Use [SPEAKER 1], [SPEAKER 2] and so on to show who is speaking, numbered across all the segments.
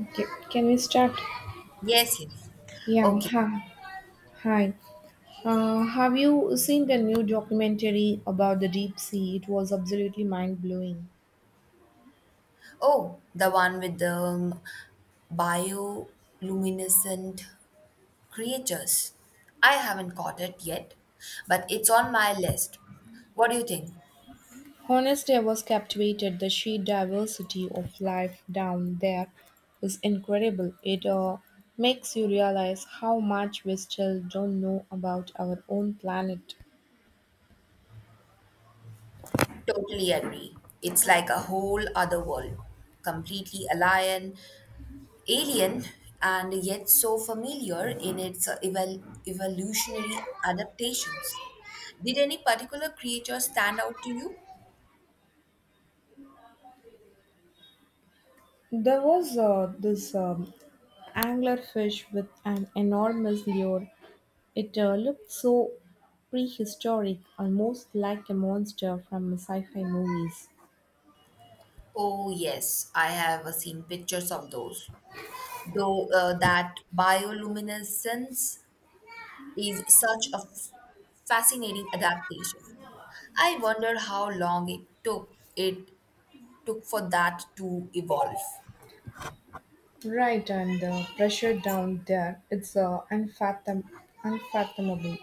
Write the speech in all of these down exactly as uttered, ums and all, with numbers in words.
[SPEAKER 1] Okay, can we start?
[SPEAKER 2] Yes, yes.
[SPEAKER 1] Yeah,
[SPEAKER 2] Okay.
[SPEAKER 1] ha, hi. Uh, have you seen the new documentary about the deep sea? It was absolutely mind blowing.
[SPEAKER 2] Oh, the one with the um, bioluminescent creatures. I haven't caught it yet, but it's on my list. What do you think?
[SPEAKER 1] Honestly, I was captivated. The sheer diversity of life down there is incredible. It uh, makes you realize how much we still don't know about our own planet.
[SPEAKER 2] Totally agree. It's like a whole other world, completely alien, alien, and yet so familiar in its uh, evol- evolutionary adaptations. Did any particular creature stand out to you?
[SPEAKER 1] There was uh, this um, anglerfish with an enormous lure. It uh, looked so prehistoric, almost like a monster from sci fi movies.
[SPEAKER 2] Oh, yes, I have uh, seen pictures of those. Though uh, that bioluminescence is such a f- fascinating adaptation. I wonder how long it took it took for that to evolve.
[SPEAKER 1] Right, and the pressure down there, it's uh, unfathom- unfathomable.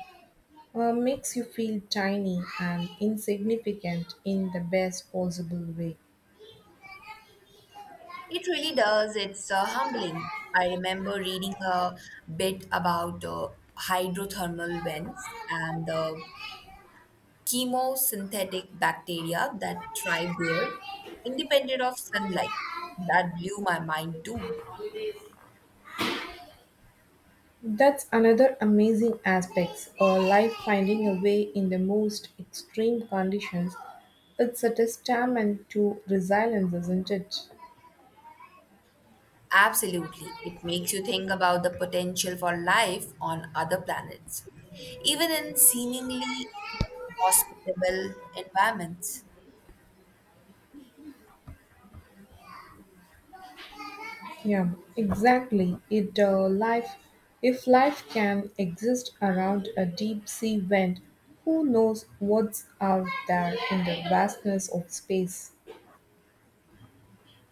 [SPEAKER 1] Uh, makes you feel tiny and insignificant in the best possible way.
[SPEAKER 2] It really does. It's uh, humbling. I remember reading a bit about uh, hydrothermal vents and the chemosynthetic bacteria that thrive there, independent of sunlight. That blew my mind too.
[SPEAKER 1] That's another amazing aspect of life finding a way in the most extreme conditions. It's a testament to resilience, isn't it?
[SPEAKER 2] Absolutely. It makes you think about the potential for life on other planets, even in seemingly hospitable environments.
[SPEAKER 1] Yeah, exactly. It uh, life If life can exist around a deep sea vent, who knows what's out there in the vastness of space?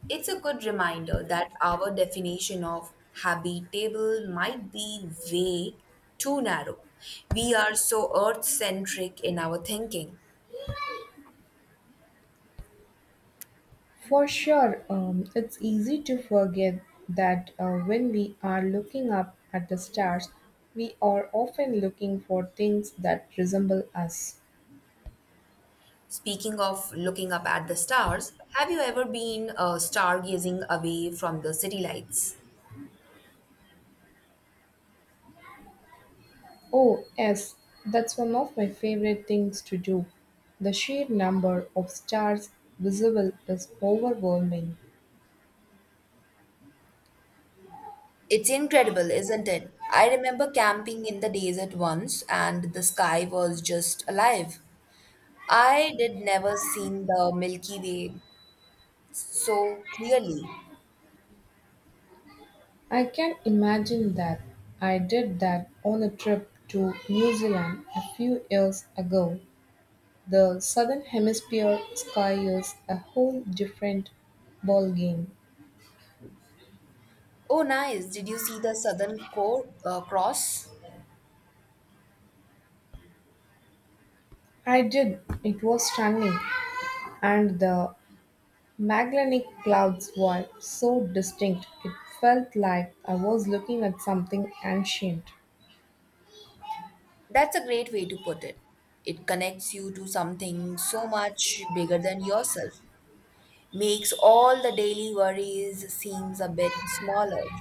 [SPEAKER 2] It's a good reminder that our definition of habitable might be way too narrow. We are so earth centric in our thinking.
[SPEAKER 1] For sure, um, it's easy to forget that uh, when we are looking up at the stars, we are often looking for things that resemble us.
[SPEAKER 2] Speaking of looking up at the stars, have you ever been uh, stargazing away from the city lights?
[SPEAKER 1] Oh, yes, that's one of my favorite things to do. The sheer number of stars visible is overwhelming.
[SPEAKER 2] It's incredible, isn't it? I remember camping in the desert once and the sky was just alive. I did never seen the Milky Way so clearly.
[SPEAKER 1] I can imagine that. I did that on a trip to New Zealand a few years ago. The southern hemisphere sky is a whole different ballgame.
[SPEAKER 2] Oh, nice. Did you see the Southern Co- uh, Cross?
[SPEAKER 1] I did. It was stunning. And the Magellanic clouds were so distinct it felt like I was looking at something ancient.
[SPEAKER 2] That's a great way to put it. It connects you to something so much bigger than yourself. Makes all the daily worries seems a bit smaller.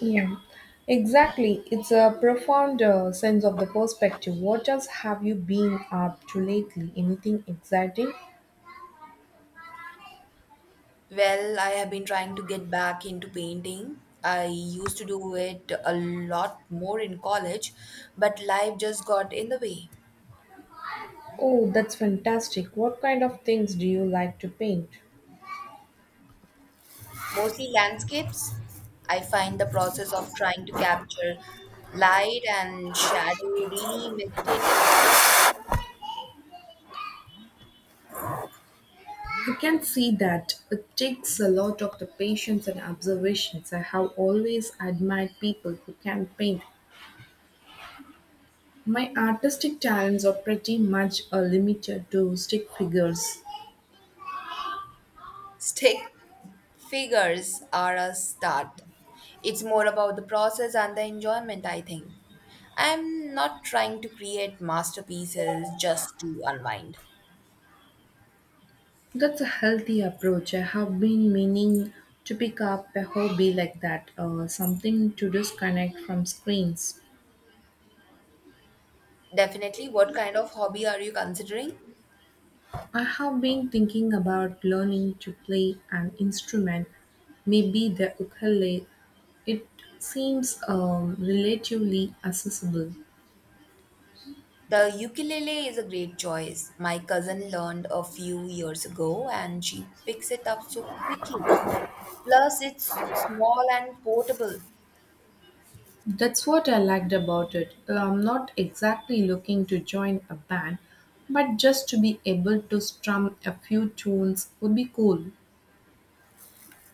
[SPEAKER 1] Yeah, exactly. It's a profound uh, sense of the perspective. What else have you been up to lately? Anything exciting?
[SPEAKER 2] Well, I have been trying to get back into painting. I used to do it a lot more in college, but life just got in the way.
[SPEAKER 1] Oh, that's fantastic. What kind of things do you like to paint?
[SPEAKER 2] Mostly landscapes. I find the process of trying to capture light and shadow really meditative.
[SPEAKER 1] You can see that it takes a lot of the patience and observations. I have always admired people who can paint. My artistic talents are pretty much uh, limited to stick figures.
[SPEAKER 2] Stick figures are a start. It's more about the process and the enjoyment, I think. I'm not trying to create masterpieces just to unwind.
[SPEAKER 1] That's a healthy approach. I have been meaning to pick up a hobby like that, uh, something to disconnect from screens.
[SPEAKER 2] Definitely, what kind of hobby are you considering?
[SPEAKER 1] I have been thinking about learning to play an instrument, maybe the ukulele. It seems um, relatively accessible.
[SPEAKER 2] The ukulele is a great choice. My cousin learned a few years ago and she picks it up so quickly. Plus, it's small and portable.
[SPEAKER 1] That's what I liked about it. Uh, I'm not exactly looking to join a band, but just to be able to strum a few tunes would be cool.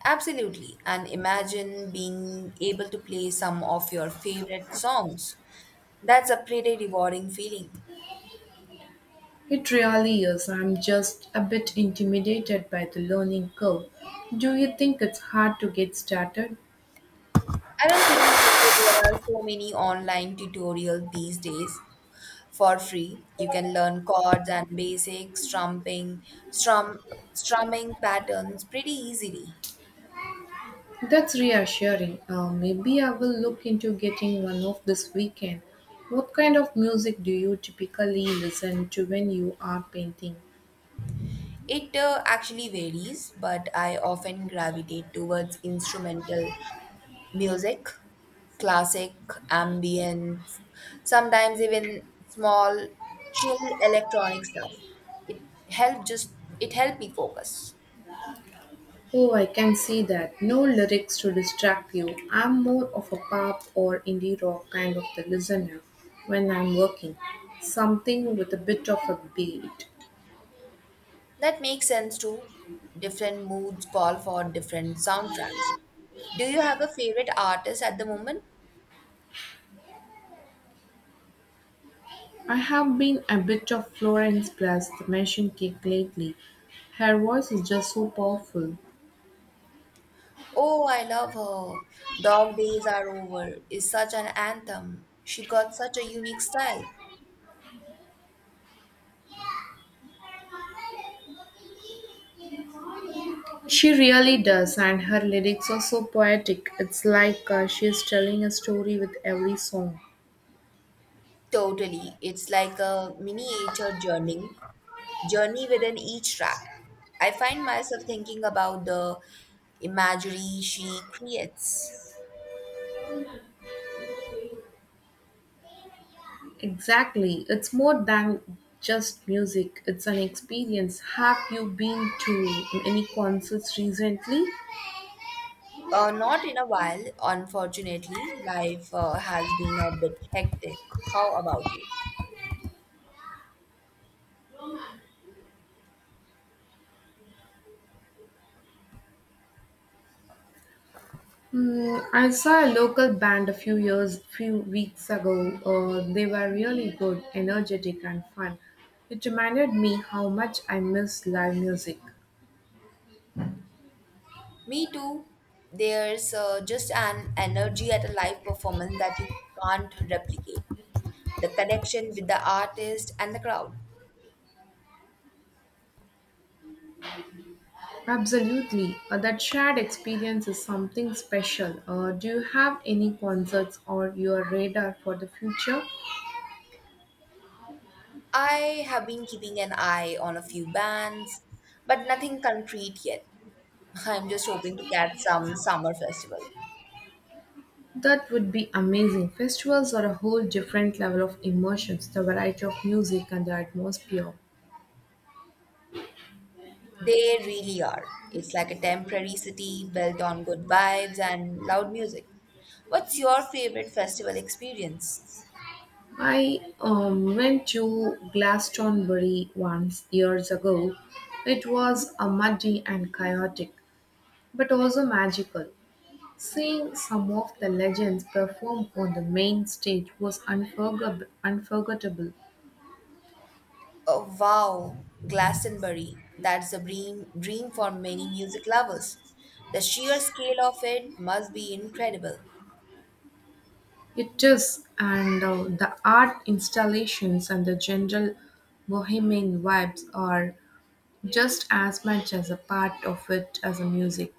[SPEAKER 2] Absolutely. And imagine being able to play some of your favorite songs. That's a pretty rewarding feeling.
[SPEAKER 1] It really is. I'm just a bit intimidated by the learning curve. Do you think it's hard to get started?
[SPEAKER 2] I don't think so. There are so many online tutorials these days for free. You can learn chords and basic strumming, strum, strumming patterns pretty easily.
[SPEAKER 1] That's reassuring. Uh, maybe I will look into getting one of this weekend. What kind of music do you typically listen to when you are painting?
[SPEAKER 2] It uh, actually varies, but I often gravitate towards instrumental music, classic, ambient, sometimes even small, chill electronic stuff. It help just it helped me focus.
[SPEAKER 1] Oh, I can see that. No lyrics to distract you. I'm more of a pop or indie rock kind of a listener when I'm working. Something with a bit of a beat.
[SPEAKER 2] That makes sense too. Different moods call for different soundtracks. Do you have a favorite artist at the moment?
[SPEAKER 1] I have been a bit of Florence plus the Machine Kick lately. Her voice is just so powerful.
[SPEAKER 2] Oh, I love her. Dog Days Are Over is such an anthem. She got such a unique style.
[SPEAKER 1] She really does, and her lyrics are so poetic. It's like uh, she is telling a story with every song.
[SPEAKER 2] Totally. It's like a miniature journey, journey within each track. I find myself thinking about the imagery she creates.
[SPEAKER 1] Exactly. It's more than just music, it's an experience. Have you been to any concerts recently?
[SPEAKER 2] Uh, not in a while, unfortunately. Life uh, has been a bit hectic. How about you?
[SPEAKER 1] Hmm, I saw a local band a few years, few weeks ago. Uh, they were really good, energetic, and fun. It reminded me how much I miss live music.
[SPEAKER 2] Me too. There's uh, just an energy at a live performance that you can't replicate. The connection with the artist and the crowd.
[SPEAKER 1] Absolutely, uh, that shared experience is something special. Uh, do you have any concerts on your radar for the future?
[SPEAKER 2] I have been keeping an eye on a few bands, but nothing concrete yet. I'm just hoping to catch some summer festival.
[SPEAKER 1] That would be amazing. Festivals are a whole different level of emotions, the variety of music and the atmosphere.
[SPEAKER 2] They really are. It's like a temporary city built on good vibes and loud music. What's your favorite festival experience?
[SPEAKER 1] I um, went to Glastonbury once years ago. It was a muddy and chaotic, but also magical. Seeing some of the legends perform on the main stage was unforgettable. unforgettable.
[SPEAKER 2] Oh, wow, Glastonbury. That's a dream, dream for many music lovers. The sheer scale of it must be incredible.
[SPEAKER 1] It is, and uh, the art installations and the general bohemian vibes are just as much as a part of it as a music.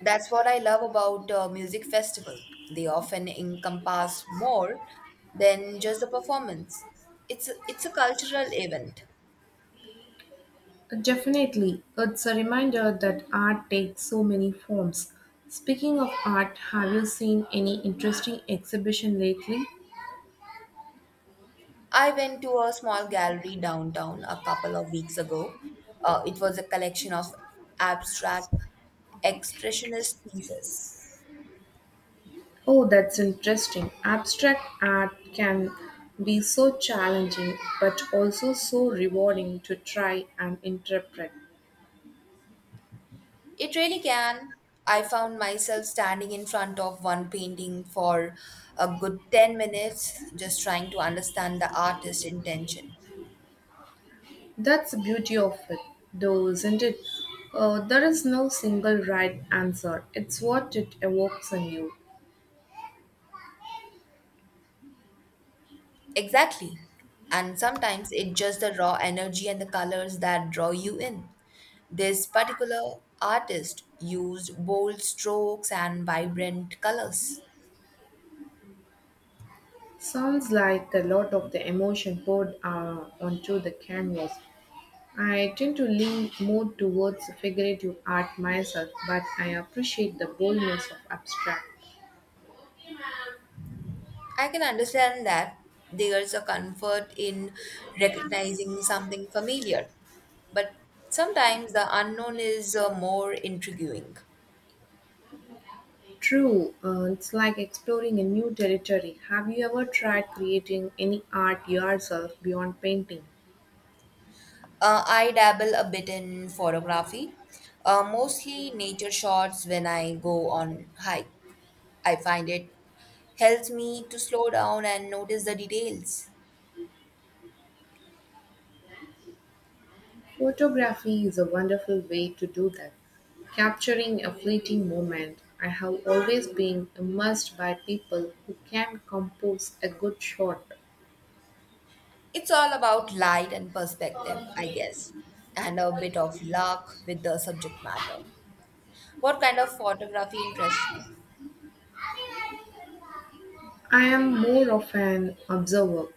[SPEAKER 2] That's what I love about uh, music festival. They often encompass more than just a performance. It's it's a cultural event.
[SPEAKER 1] Definitely, it's a reminder that art takes so many forms. Speaking of art, have you seen any interesting exhibition lately?
[SPEAKER 2] I went to a small gallery downtown a couple of weeks ago. Uh, it was a collection of abstract expressionist pieces.
[SPEAKER 1] Oh, that's interesting. Abstract art can be so challenging but also so rewarding to try and interpret.
[SPEAKER 2] It really can. I found myself standing in front of one painting for a good ten minutes, just trying to understand the artist's intention.
[SPEAKER 1] That's the beauty of it, though, isn't it? Uh, there is no single right answer, it's what it evokes in you.
[SPEAKER 2] Exactly. And sometimes it's just the raw energy and the colors that draw you in. This particular artist used bold strokes and vibrant colors.
[SPEAKER 1] Sounds like a lot of the emotion poured uh, onto the canvas. I tend to lean more towards figurative art myself, but I appreciate the boldness of abstract.
[SPEAKER 2] I can understand that there's a comfort in recognizing something familiar but sometimes the unknown is uh, more intriguing.
[SPEAKER 1] True, uh, it's like exploring a new territory. Have you ever tried creating any art yourself beyond painting?
[SPEAKER 2] Uh, I dabble a bit in photography, uh, mostly nature shots when I go on hike. I find it helps me to slow down and notice the details.
[SPEAKER 1] Photography is a wonderful way to do that, capturing a fleeting moment. I have always been immersed by people who can compose a good shot.
[SPEAKER 2] It's all about light and perspective, I guess, and a bit of luck with the subject matter. What kind of photography interests you?
[SPEAKER 1] I am more of an observer.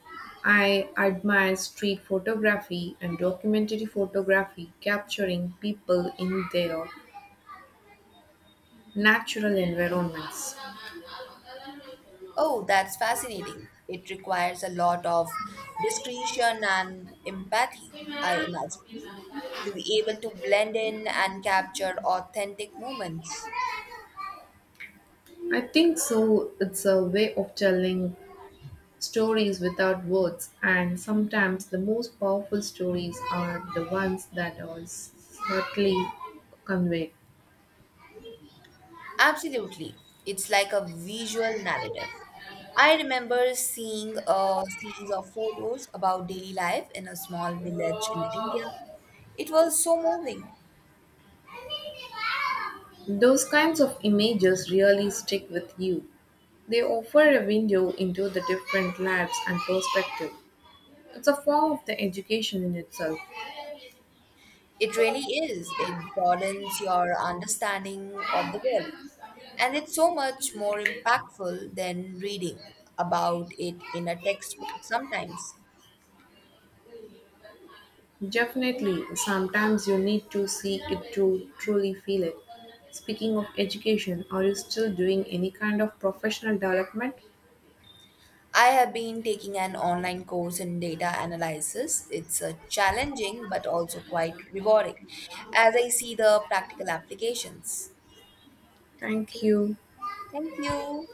[SPEAKER 1] I admire street photography and documentary photography capturing people in their natural environments.
[SPEAKER 2] Oh, that's fascinating. It requires a lot of discretion and empathy, I imagine, to be able to blend in and capture authentic moments.
[SPEAKER 1] I think so, it's a way of telling stories without words, and sometimes the most powerful stories are the ones that are subtly conveyed.
[SPEAKER 2] Absolutely. It's like a visual narrative. I remember seeing a series of photos about daily life in a small village in India. It was so moving.
[SPEAKER 1] Those kinds of images really stick with you. They offer a window into the different lives and perspective. It's a form of the education in itself.
[SPEAKER 2] It really is. It broadens your understanding of the world. And it's so much more impactful than reading about it in a textbook sometimes.
[SPEAKER 1] Definitely, sometimes you need to see it to truly feel it. Speaking of education, are you still doing any kind of professional development?
[SPEAKER 2] I have been taking an online course in data analysis. It's a challenging but also quite rewarding as I see the practical applications.
[SPEAKER 1] Thank
[SPEAKER 2] Okay,
[SPEAKER 1] you.
[SPEAKER 2] thank you.